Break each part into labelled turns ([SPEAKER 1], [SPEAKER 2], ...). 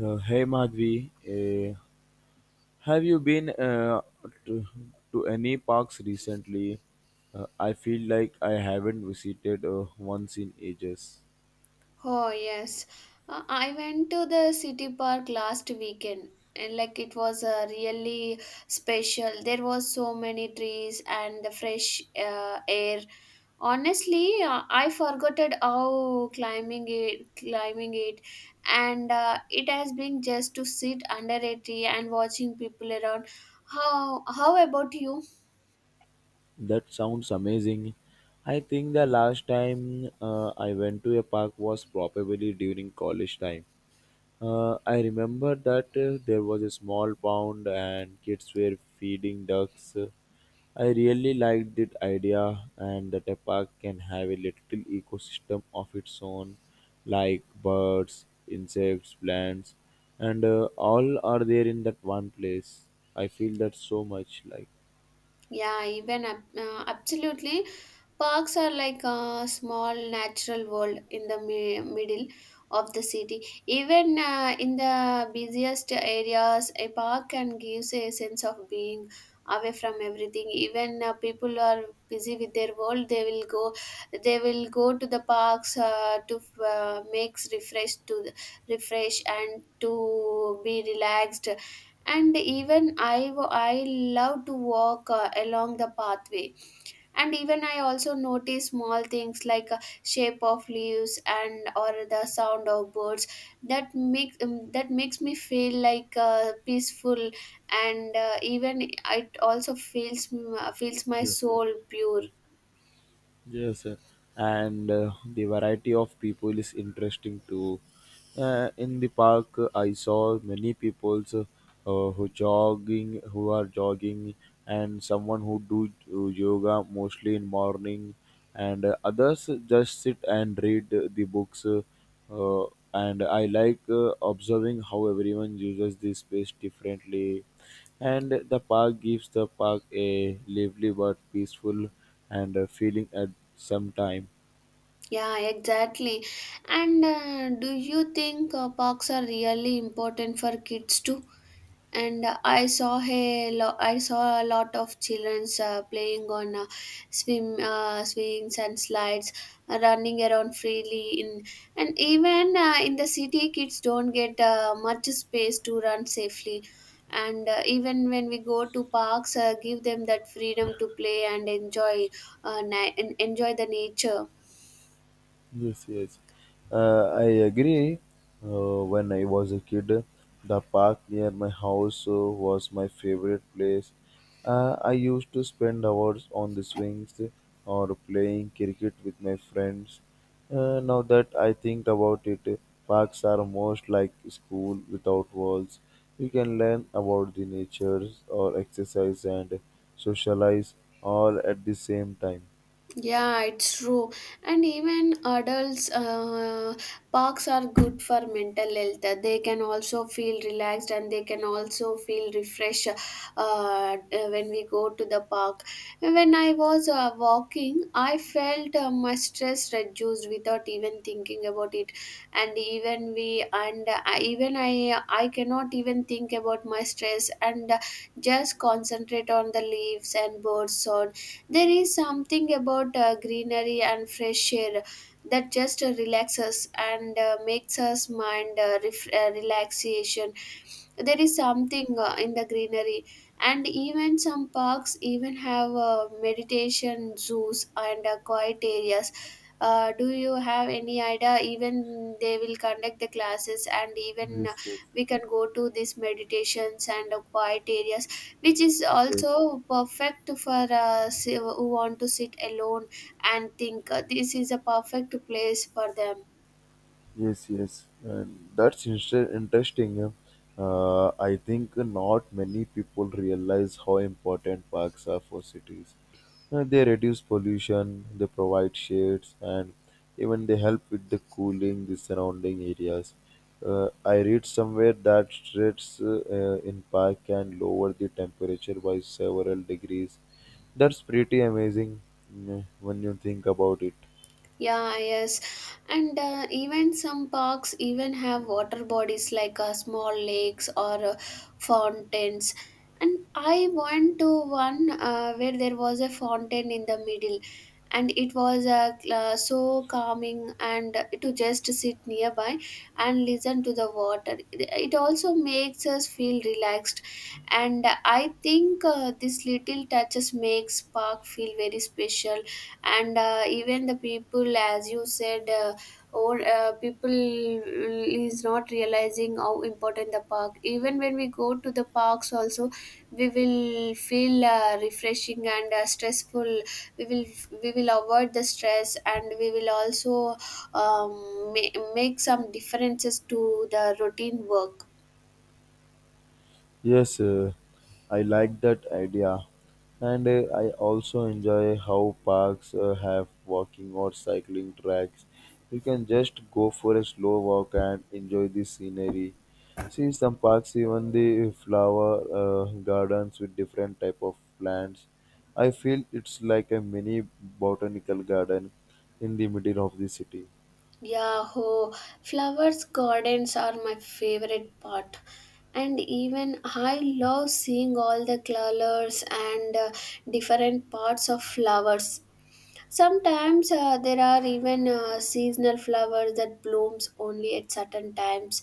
[SPEAKER 1] Hey Madhvi, have you been to, to any parks recently? I feel like I haven't visited once in ages.
[SPEAKER 2] Oh, yes. I went to the city park last weekend and like it was really special. There was so many trees and the fresh air. Honestly, I forgot it how climbing it, and it has been just to sit under a tree and watching people around. How about you?
[SPEAKER 1] That sounds amazing. I think the last time I went to a park was probably during college time. I remember that there was a small pond and kids were feeding ducks. I really liked that idea, and that a park can have a little ecosystem of its own, like birds, insects, plants, and all are there in that one place. I feel that so much like.
[SPEAKER 2] Yeah, absolutely. Parks are like a small natural world in the middle of the city. Even in the busiest areas, a park can give a sense of being away from everything. Even people are busy with their world. They will go to the parks to makes refresh to refresh and to be relaxed, and I love to walk along the pathway, and even I also notice small things like shape of leaves and or the sound of birds that makes me feel like peaceful, and even it also feels my
[SPEAKER 1] Yes, yes.
[SPEAKER 2] soul pure.
[SPEAKER 1] Yes, sir. And the variety of people is interesting too. In the park, I saw many people who are jogging, and someone who do yoga mostly in morning, and others just sit and read the books. Uh, and I like observing how everyone uses this space differently, and the park gives the park a lively but peaceful and feeling at some time.
[SPEAKER 2] Yeah, exactly. And do you think parks are really important for kids too? And I saw a lot of childrens playing on swim swings and slides, running around freely. In And even in the city, kids don't get much space to run safely. And even when we go to parks, give them that freedom to play and and enjoy the nature.
[SPEAKER 1] Yes, yes. I agree. When I was a kid, the park near my house was my favorite place. I used to spend hours on the swings or playing cricket with my friends. Now that I think about it, parks are most like school without walls. You can learn about the natures or exercise and socialize all at the same time.
[SPEAKER 2] Yeah, it's true. And even adults, parks are good for mental health. They can also feel relaxed and they can also feel refreshed when we go to the park. When I was walking, I felt my stress reduced without even thinking about it. And even I cannot even think about my stress and just concentrate on the leaves and birds sound. There is something about greenery and fresh air that just relaxes and makes us mind relaxation. There is something in the greenery, and even some parks even have meditation zoos and quiet areas. Do you have any idea? Even they will conduct the classes, and even
[SPEAKER 1] Yes, yes,
[SPEAKER 2] we can go to these meditations and quiet areas, which is
[SPEAKER 1] yes.
[SPEAKER 2] also perfect for who want to sit alone and think, this is a perfect place for them.
[SPEAKER 1] Yes, yes, and interesting. Yeah. I think not many people realize how important parks are for cities. They reduce pollution, they provide shades, and even they help with the cooling the surrounding areas. I read somewhere that streets in park can lower the temperature by several degrees. That's pretty amazing when you think about it.
[SPEAKER 2] Yeah, yes. And even some parks even have water bodies like small lakes or fountains, and I went to one where there was a fountain in the middle, and it was so calming and to just sit nearby and listen to the water. It also makes us feel relaxed, and I think this little touches makes park feel very special. And even the people, as you said, or people is not realizing how important the park. Even when we go to the parks also, we will feel refreshing and stressful. we will we will avoid the stress and we will also make some differences to the routine work.
[SPEAKER 1] Yes, I like that idea. And I also enjoy how parks have walking or cycling tracks. You can just go for a slow walk and enjoy the scenery. See some parks, even the flower gardens with different type of plants. I feel it's like a mini botanical garden in the middle of the city.
[SPEAKER 2] Yeah, ho. Flowers, gardens are my favorite part. And even I love seeing all the colors and different parts of flowers. Sometimes there are even seasonal flowers that blooms only at certain times,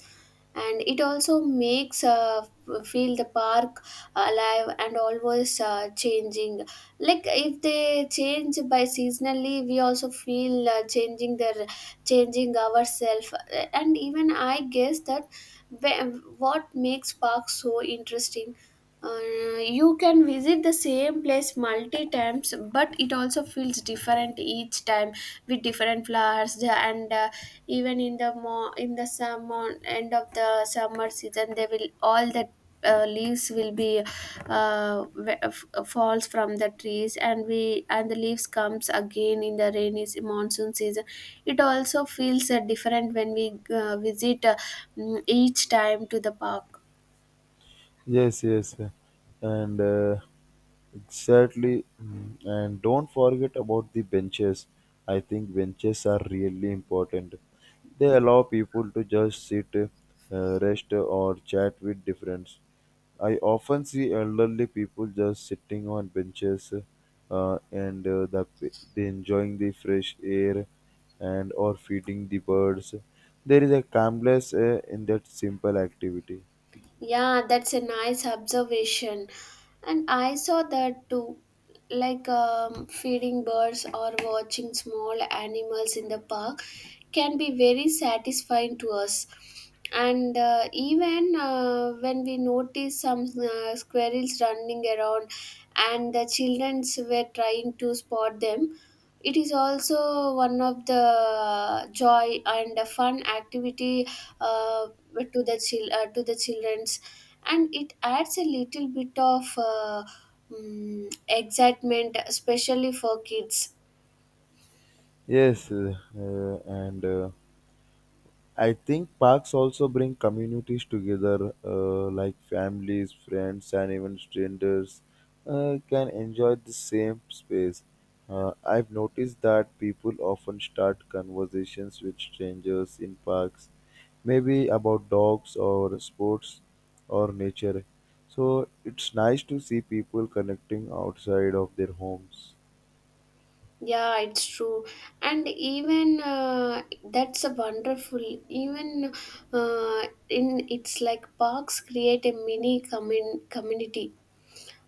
[SPEAKER 2] and it also makes feel the park alive and always changing. Like if they change by seasonally, we also feel changing their changing ourselves. And even I guess that what makes park so interesting, you can visit the same place multi times but it also feels different each time with different flowers. The- and Even in the in the summer end of the summer season, they will all the leaves will be falls from the trees, and we and the leaves comes again in the monsoon season. It also feels different when we each time to the park.
[SPEAKER 1] Yes, yes, and exactly. And don't forget about the benches. I think benches are really important. They allow people to just sit, rest, or chat with difference. I often see elderly people just sitting on benches, uh, and uh, the, they enjoying the fresh air, and or feeding the birds. There is a calmness in that simple activity.
[SPEAKER 2] Yeah, that's a nice observation. And I saw that too. Like feeding birds or watching small animals in the park can be very satisfying to us. And even when we noticed some squirrels running around and the children were trying to spot them, it is also one of the joy and a fun activity uh, to the childrens, and it adds a little bit of excitement, especially for kids.
[SPEAKER 1] Yes, and I think parks also bring communities together, like families, friends, and even strangers can enjoy the same space. I've noticed that people often start conversations with strangers in parks, maybe about dogs or sports or nature. So it's nice to see people connecting outside of their homes.
[SPEAKER 2] Yeah, it's true. And even that's a wonderful even uh, in it's like parks create a community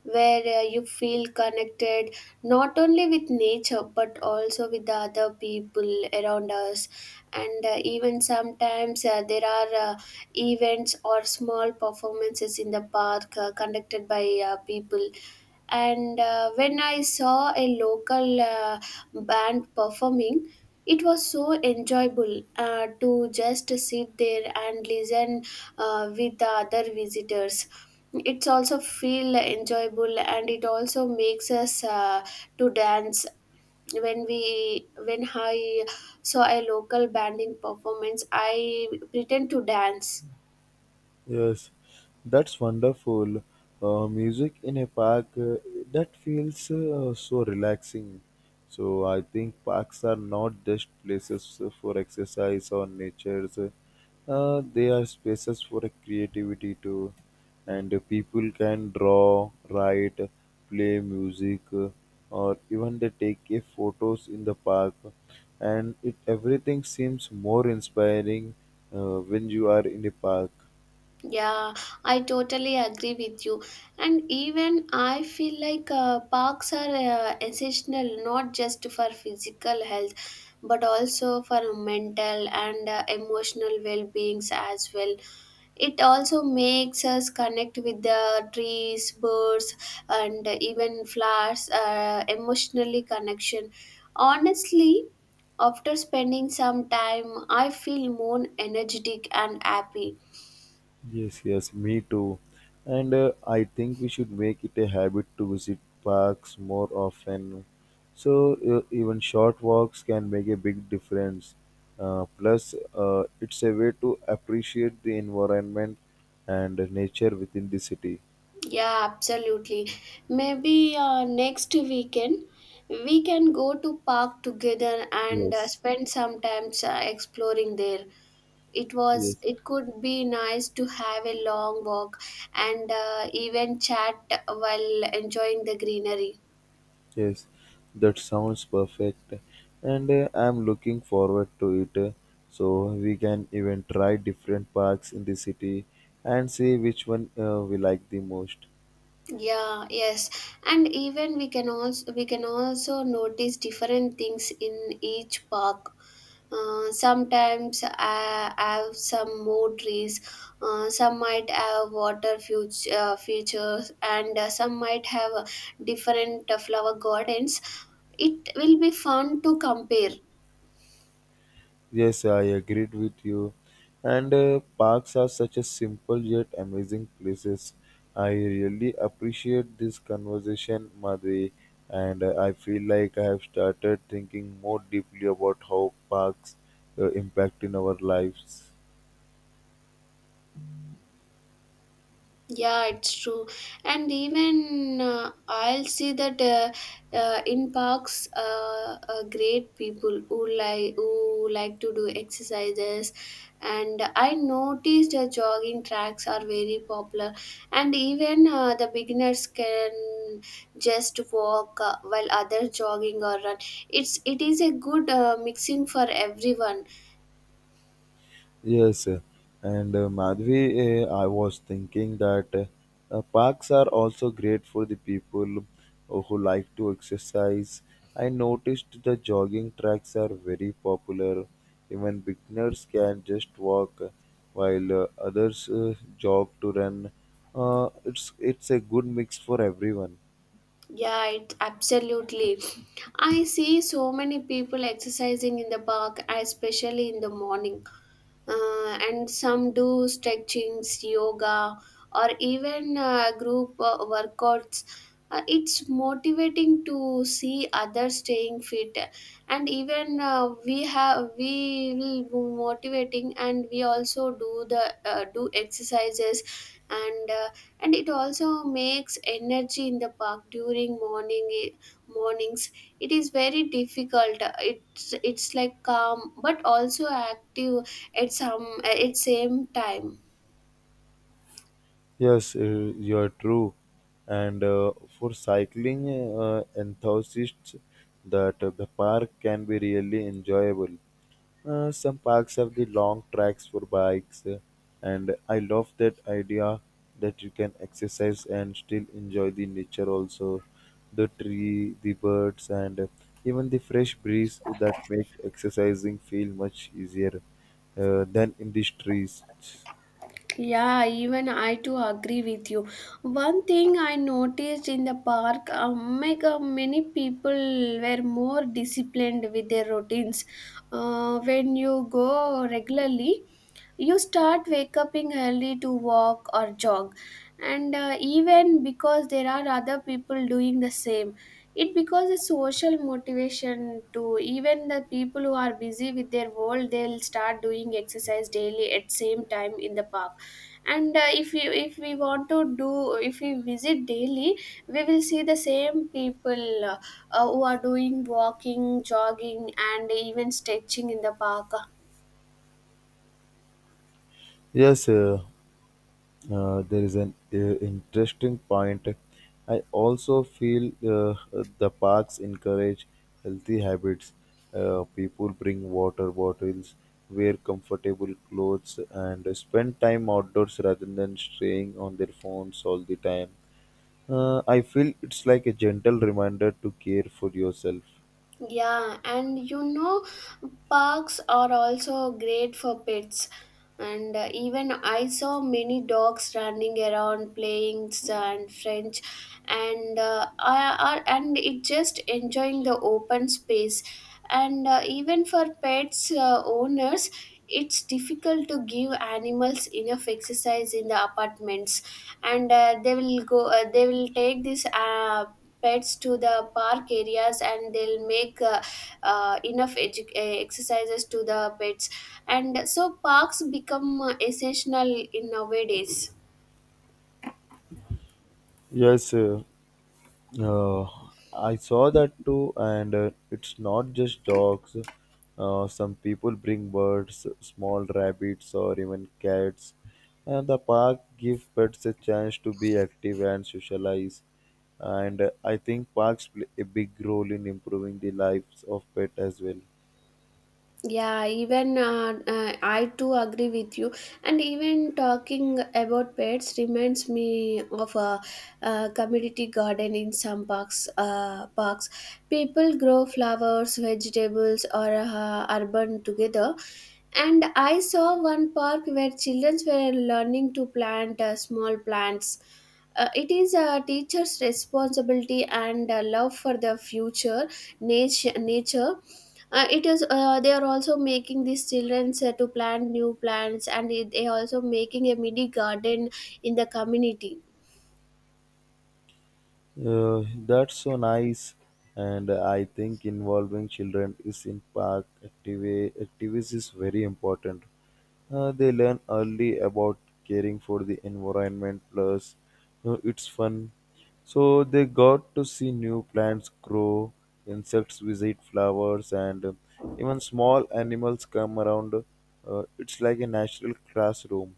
[SPEAKER 2] where you feel connected not only with nature but also with the other people around us. And even sometimes there are events or small performances in the park conducted by people. And when I saw a local band performing, it was so enjoyable to just sit there and listen with the other visitors. It's also feel enjoyable and it also makes us to dance. When i saw a local band in performance, I pretend to dance.
[SPEAKER 1] Yes, that's wonderful. Music in a park, that feels so relaxing. So I think parks are not just places for exercise or nature. They are spaces for creativity too. And people can draw, write, play music, or even they take photos in the park. And it everything seems more inspiring when you are in a park.
[SPEAKER 2] Yeah, I totally agree with you. And even I feel like parks are essential not just for physical health but also for mental and emotional well-beings as well. It also makes us connect with the trees, birds, and even flowers, emotionally connection. Honestly, after spending some time, I feel more energetic and happy.
[SPEAKER 1] Yes, yes, me too. And I think we should make it a habit to visit parks more often. So even short walks can make a big difference. Plus, it's a way to appreciate the environment and nature within the city.
[SPEAKER 2] Yeah, absolutely. Maybe next weekend we can go to park together and
[SPEAKER 1] Yes,
[SPEAKER 2] spend some time exploring there. It was
[SPEAKER 1] yes.
[SPEAKER 2] it could be nice to have a long walk and even chat while enjoying the greenery.
[SPEAKER 1] Yes, that sounds perfect, and I'm looking forward to it. So we can even try different parks in the city and see which one we like the most.
[SPEAKER 2] Yeah, yes. And even we can also notice different things in each park. Sometimes I have some more trees. Some might have water features, and some might have different flower gardens. It will be fun to compare.
[SPEAKER 1] Yes, I agreed with you. And parks are such a simple yet amazing places. I really appreciate this conversation, Madhvi, and I feel like I have started thinking more deeply about how parks impact in our lives.
[SPEAKER 2] Yeah, it's true. And even I'll see that in parks, great people who like to do exercises, and I noticed jogging tracks are very popular, and even the beginners can just walk while others jogging or run. It is a good mixing for everyone.
[SPEAKER 1] Yes, and Madhvi, I was thinking that parks are also great for the people who like to exercise. I noticed the jogging tracks are very popular. Even beginners can just walk while others jog to run. It's a good mix for everyone.
[SPEAKER 2] Yeah, it absolutely. I see so many people exercising in the park, especially in the morning, and some do stretchings, yoga, or even group workouts. It's motivating to see others staying fit, and even we will be motivating, and we also do the do exercises, and uh, and it also makes energy in the park during mornings. It is very difficult. It's like calm but also active at some at same time.
[SPEAKER 1] Yes, you are true. And for cycling enthusiasts, that the park can be really enjoyable. Some parks have the long tracks for bikes, and I love that idea that you can exercise and still enjoy the nature also, the tree, the birds, and even the fresh breeze that makes exercising feel much easier than in the streets.
[SPEAKER 2] Yeah, even I too agree with you. One thing I noticed in the park, make many people were more disciplined with their routines. When you go regularly, you start wake upping early to walk or jog, and even because there are other people doing the same, it becomes a social motivation to even the people who are busy with their world. They'll start doing exercise daily at same time in the park. And if we want to do if we visit daily, we will see the same people who are doing walking, jogging, and even stretching in the park.
[SPEAKER 1] Yes, there is an interesting point. I also feel the parks encourage healthy habits. People bring water bottles, wear comfortable clothes, and spend time outdoors rather than staying on their phones all the time. I feel it's like a gentle reminder to care for yourself.
[SPEAKER 2] Yeah, and you know, parks are also great for pets. And even I saw many dogs running around playing and French, and and it just enjoying the open space. And even for pets owners, it's difficult to give animals enough exercise in the apartments, and they will go. They will take this pets to the park areas and they'll make enough exercises to the pets, and so parks become essential in nowadays.
[SPEAKER 1] Yes, uh, Uh, I saw that too, and it's not just dogs. Some people bring birds, small rabbits, or even cats. And the park give pets a chance to be active and socialize. And I think parks play a big role in improving the lives of pets as well.
[SPEAKER 2] Yeah, even I too agree with you. And even talking about pets reminds me of a, community garden in some parks. Parks, people grow flowers, vegetables, or urban together. And I saw one park where children were learning to plant small plants. It is a teacher's responsibility and love for the future nature. It is They are also making these children to plant new plants, and they also making a mini garden in the community.
[SPEAKER 1] That's so nice, and I think involving children is in activities is very important. They learn early about caring for the environment. Plus, you know, it's fun. So they got to see new plants grow, insects visit flowers, and even small animals come around. It's like a natural classroom.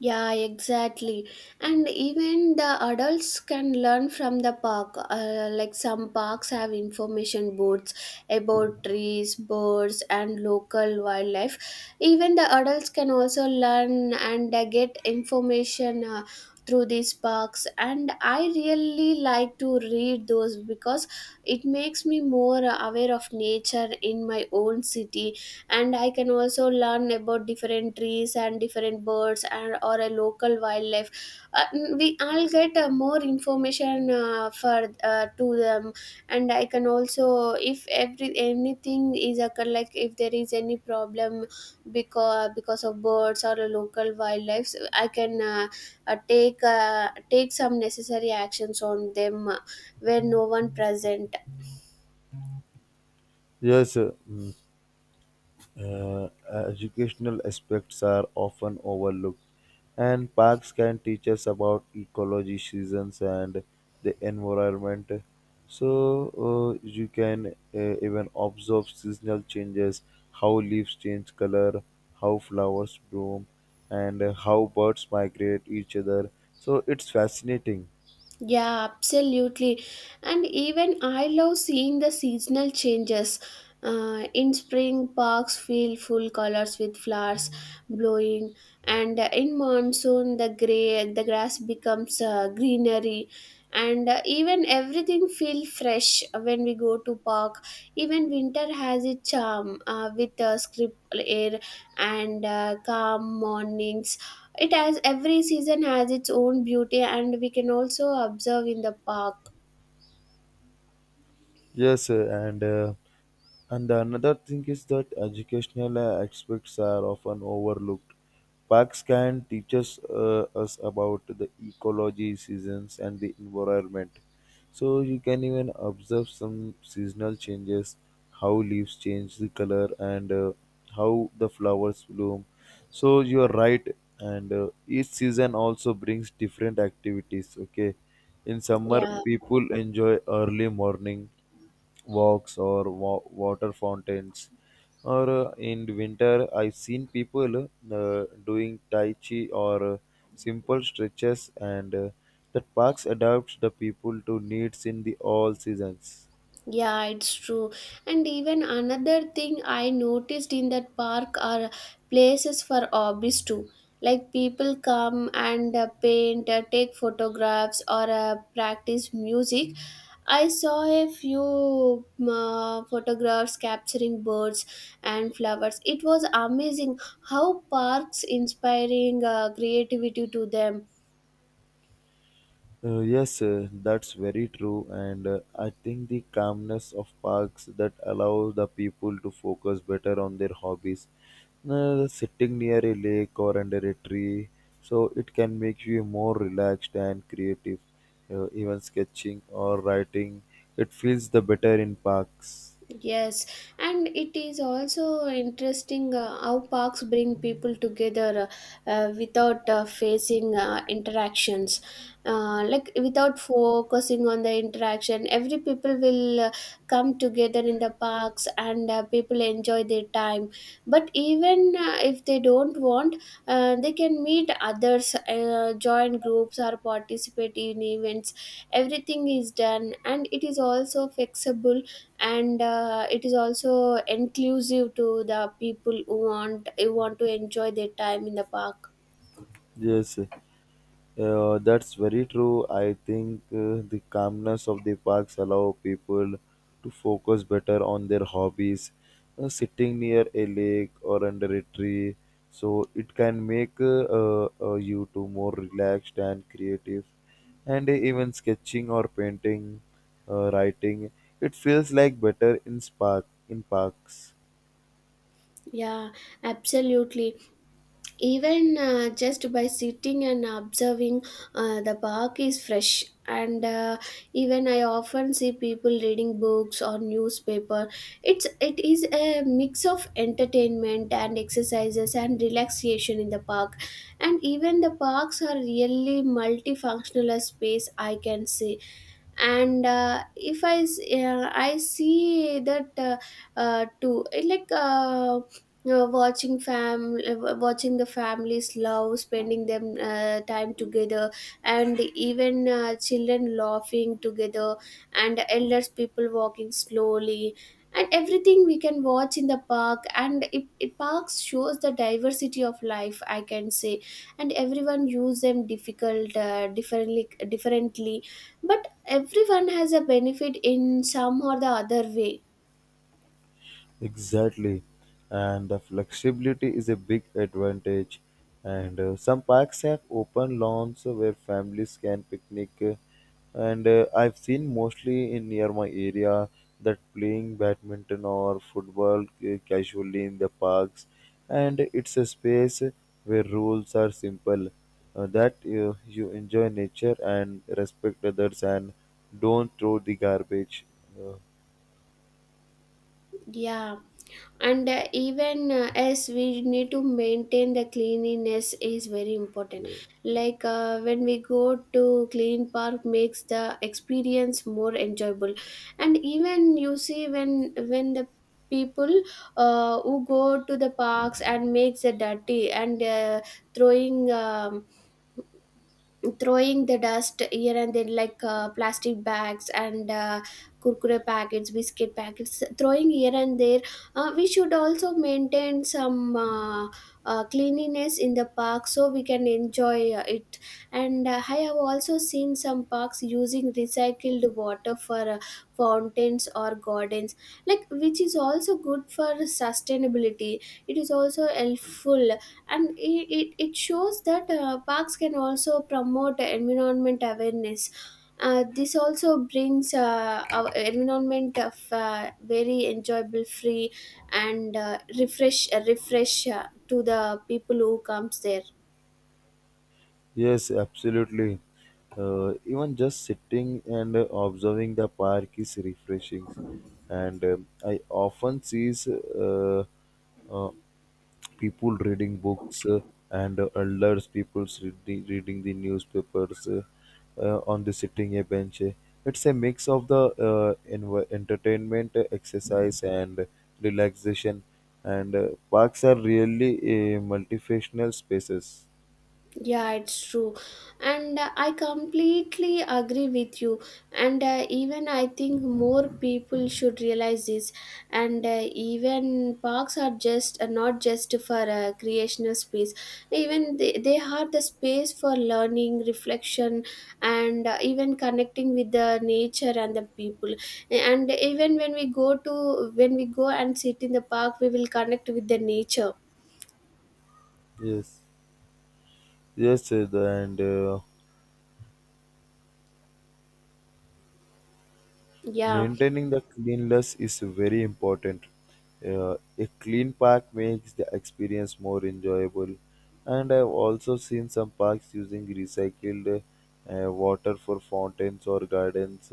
[SPEAKER 2] Yeah, exactly. And even the adults can learn from the park. Like some parks have information boards about trees, birds, and local wildlife. Even the adults can also learn and get information through these parks. And I really like to read those because it makes me more aware of nature in my own city, and I can also learn about different trees and different birds and or a local wildlife. uh, we I'll get more information for to them. And I can also, if every anything is occur, like if there is any problem because of birds or a local wildlife, so I can take some necessary actions on them, where no one present.
[SPEAKER 1] Yes. uh, mm. Uh, uh, educational aspects are often overlooked, and parks can teach us about ecology, seasons, and the environment. So you can even observe seasonal changes, how leaves change color, how flowers bloom, and how birds migrate each other. So it's fascinating.
[SPEAKER 2] Yeah, absolutely. And even I love seeing the seasonal changes. In spring, parks feel full colors with flowers blowing, and in monsoon, the grass becomes greenery, and even everything feel fresh when we go to park. Even winter has its charm with script air and calm mornings. It has every season has its own beauty, and we can also observe in the park.
[SPEAKER 1] Yes, and another thing is that educational aspects are often overlooked. Parks can teach us, us about the ecology, seasons, and the environment, so you can even observe some seasonal changes, how leaves change the color and how the flowers bloom. So you are right, and each season also brings different activities. Okay, in summer
[SPEAKER 2] Yeah,
[SPEAKER 1] people enjoy early morning walks or water fountains or in winter, I've seen people doing Tai Chi or simple stretches, and that parks adapts the people to needs in the all seasons.
[SPEAKER 2] yeah, it's true. And even another thing I noticed in that park are places for hobbies too. Like people come and paint, take photographs, or practice music. I saw a few photographs capturing birds and flowers. It was amazing how parks inspiring creativity to them.
[SPEAKER 1] Yes, that's very true, and I think the calmness of parks that allows the people to focus better on their hobbies. Sitting near a lake or under a tree, so it can make you more relaxed and creative. Even sketching or writing, it feels the better in parks.
[SPEAKER 2] Yes, and it is also interesting how parks bring people together without facing interactions. Like without focusing on the interaction, every people will come together in the parks, and people enjoy their time. But even if they don't want, they can meet others, join groups, or participate in events. Everything is done, and it is also flexible, and it is also inclusive to the people who want to enjoy their time in the park.
[SPEAKER 1] Yes, that's very true. I think the calmness of the parks allow people to focus better on their hobbies, sitting near a lake or under a tree. So it can make you to more relaxed and creative, and even sketching or painting, writing. It feels like better in spark in parks.
[SPEAKER 2] Yeah, absolutely. Even just by sitting and observing, the park is fresh. And even I often see people reading books or newspaper. It is a mix of entertainment and exercises and relaxation in the park. And even the parks are really multifunctional as space, I can say. And if I see that, too eh, like watching fam watching the families love spending them time together, and even children laughing together, and elders people walking slowly, and everything we can watch in the park. And it parks shows the diversity of life, I can say. And everyone use them difficult differently, but everyone has a benefit in some or the other way.
[SPEAKER 1] Exactly, and the flexibility is a big advantage. And some parks have open lawns where families can picnic. And I've seen mostly in near my area that playing badminton or football casually in the parks. And it's a space where rules are simple, that you enjoy nature and respect others and don't throw the garbage. Uh,
[SPEAKER 2] Yeah, and even, as we need to maintain, the cleanliness is very important.
[SPEAKER 1] yeah.
[SPEAKER 2] Like when we go to clean park makes the experience more enjoyable. And even you see, when the people who go to the parks and makes the dirty and throwing, throwing the dust here and then, like plastic bags and kurkure packets, biscuit packets throwing here and there. We should also maintain some cleanliness in the park so we can enjoy it. And I have also seen some parks using recycled water for fountains or gardens, like, which is also good for sustainability. It is also helpful, and it shows that parks can also promote environment awareness. This also brings our environment of very enjoyable, free, and refresh to the people who comes there.
[SPEAKER 1] Yes, absolutely. Even just sitting and observing the park is refreshing. And I often see uh, uh, people reading books and elders people reading the newspapers on the sitting a bench. It's a mix of the entertainment, exercise, and relaxation. And parks are really multifunctional spaces.
[SPEAKER 2] Yeah, it's true. And I completely agree with you. And even I think more people should realize this. And even parks are just not just for creational space. Even they are the space for learning, reflection, and even connecting with the nature and the people. And even when we go and sit in the park, we will connect with the nature.
[SPEAKER 1] Yes. Yes, the- and
[SPEAKER 2] Yeah.
[SPEAKER 1] maintaining the cleanliness is very important. A clean park makes the experience more enjoyable. And I've also seen some parks using recycled water for fountains or gardens,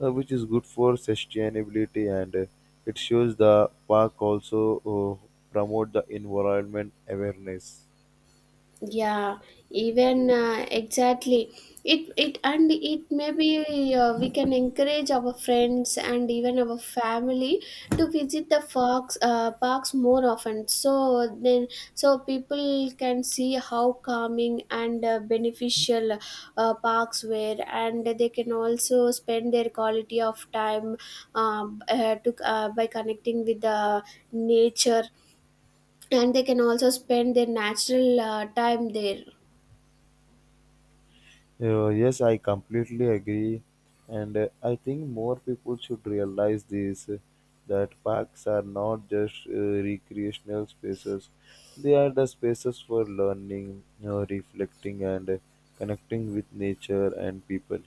[SPEAKER 1] which is good for sustainability. And it shows the park also uh, promote the environment awareness.
[SPEAKER 2] Yeah, even, exactly, it maybe we can encourage our friends and even our family to visit the fox parks more often, so then so people can see how calming and beneficial parks were, and they can also spend their quality of time, to by connecting with the nature. And they can also spend their natural time there.
[SPEAKER 1] Yes, I completely agree, and I think more people should realize this that parks are not just recreational spaces; they are the spaces for learning, reflecting, and connecting with nature and people.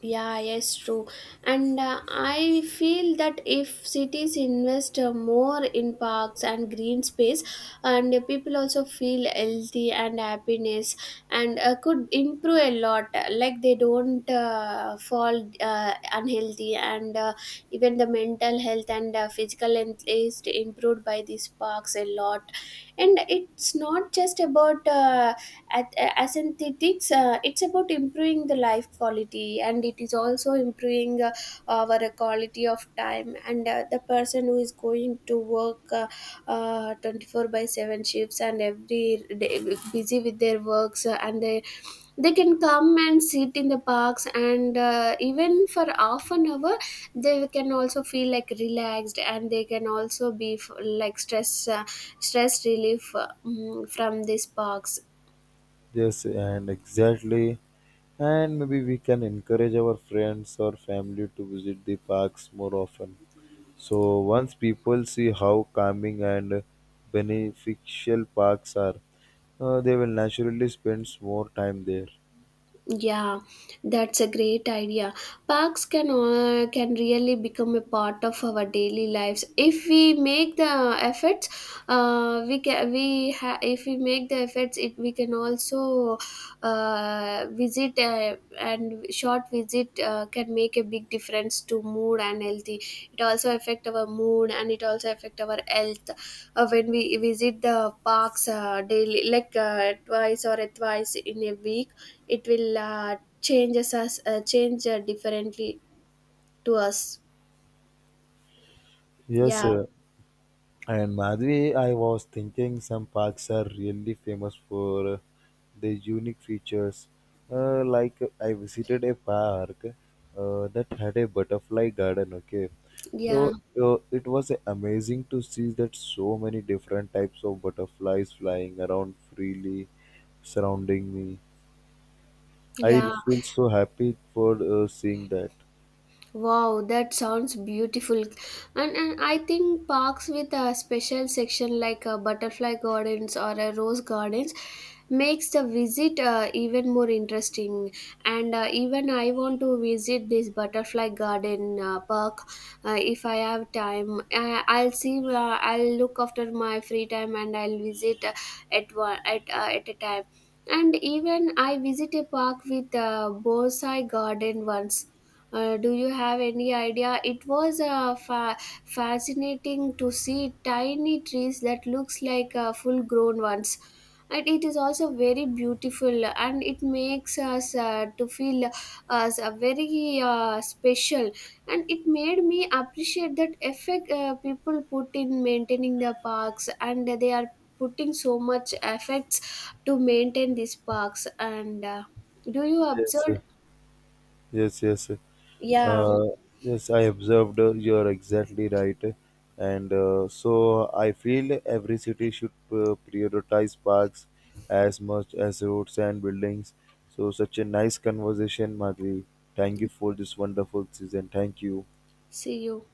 [SPEAKER 2] Yeah, yes, true. And I feel that if cities invest more in parks and green space, and people also feel healthy and happiness, and could improve a lot. Like they don't fall unhealthy, and even the mental health and physical health is improved by these parks a lot. And it's not just about. At as it's about improving the life quality, and it is also improving our quality of time. And the person who is going to work 24 by 7 shifts and every day busy with their works, and they can come and sit in the parks, and even for half an hour they can also feel like relaxed, and they can also be like stress, stress relief, from these parks.
[SPEAKER 1] Yes, and exactly, and maybe we can encourage our friends or family to visit the parks more often. So once people see how calming and beneficial parks are, they will naturally spend more time there.
[SPEAKER 2] Yeah, that's a great idea. Parks can really become a part of our daily lives if we make the efforts. We can we ha- If we make the efforts, it we can also visit, and shop short visit can make a big difference to mood and healthy. It also affect our mood, and it also affect our health when we visit the parks daily, like twice in a week. It will change differently to us.
[SPEAKER 1] Yes,
[SPEAKER 2] Yeah.
[SPEAKER 1] sir. And Madhvi, I was thinking some parks are really famous for their unique features. I visited a park that had a butterfly garden. Okay,
[SPEAKER 2] Yeah,
[SPEAKER 1] so it was amazing to see that so many different types of butterflies flying around freely, surrounding me. I
[SPEAKER 2] yeah.
[SPEAKER 1] feel so happy for seeing that.
[SPEAKER 2] Wow, that sounds beautiful. And I think parks with a special section like a butterfly gardens or a rose gardens makes the visit even more interesting. And even I want to visit this butterfly garden park if I have time. I'll see. I'll look after my free time and I'll visit at one at a time. And even I visit a park with a bonsai garden once. Do you have any idea? It was fascinating to see tiny trees that looks like full grown ones. And it is also very beautiful, and it makes us to feel us very special. And it made me appreciate that effect people put in maintaining the parks, and they are putting so much efforts to maintain these parks. And do you
[SPEAKER 1] Yes,
[SPEAKER 2] observe?
[SPEAKER 1] yes, yes.
[SPEAKER 2] Yeah,
[SPEAKER 1] Uh, yes, I observed. You're exactly right, and so I feel every city should prioritize parks as much as roads and buildings. So, such a nice conversation, Madhvi. Thank you for this wonderful season. Thank you.
[SPEAKER 2] see you.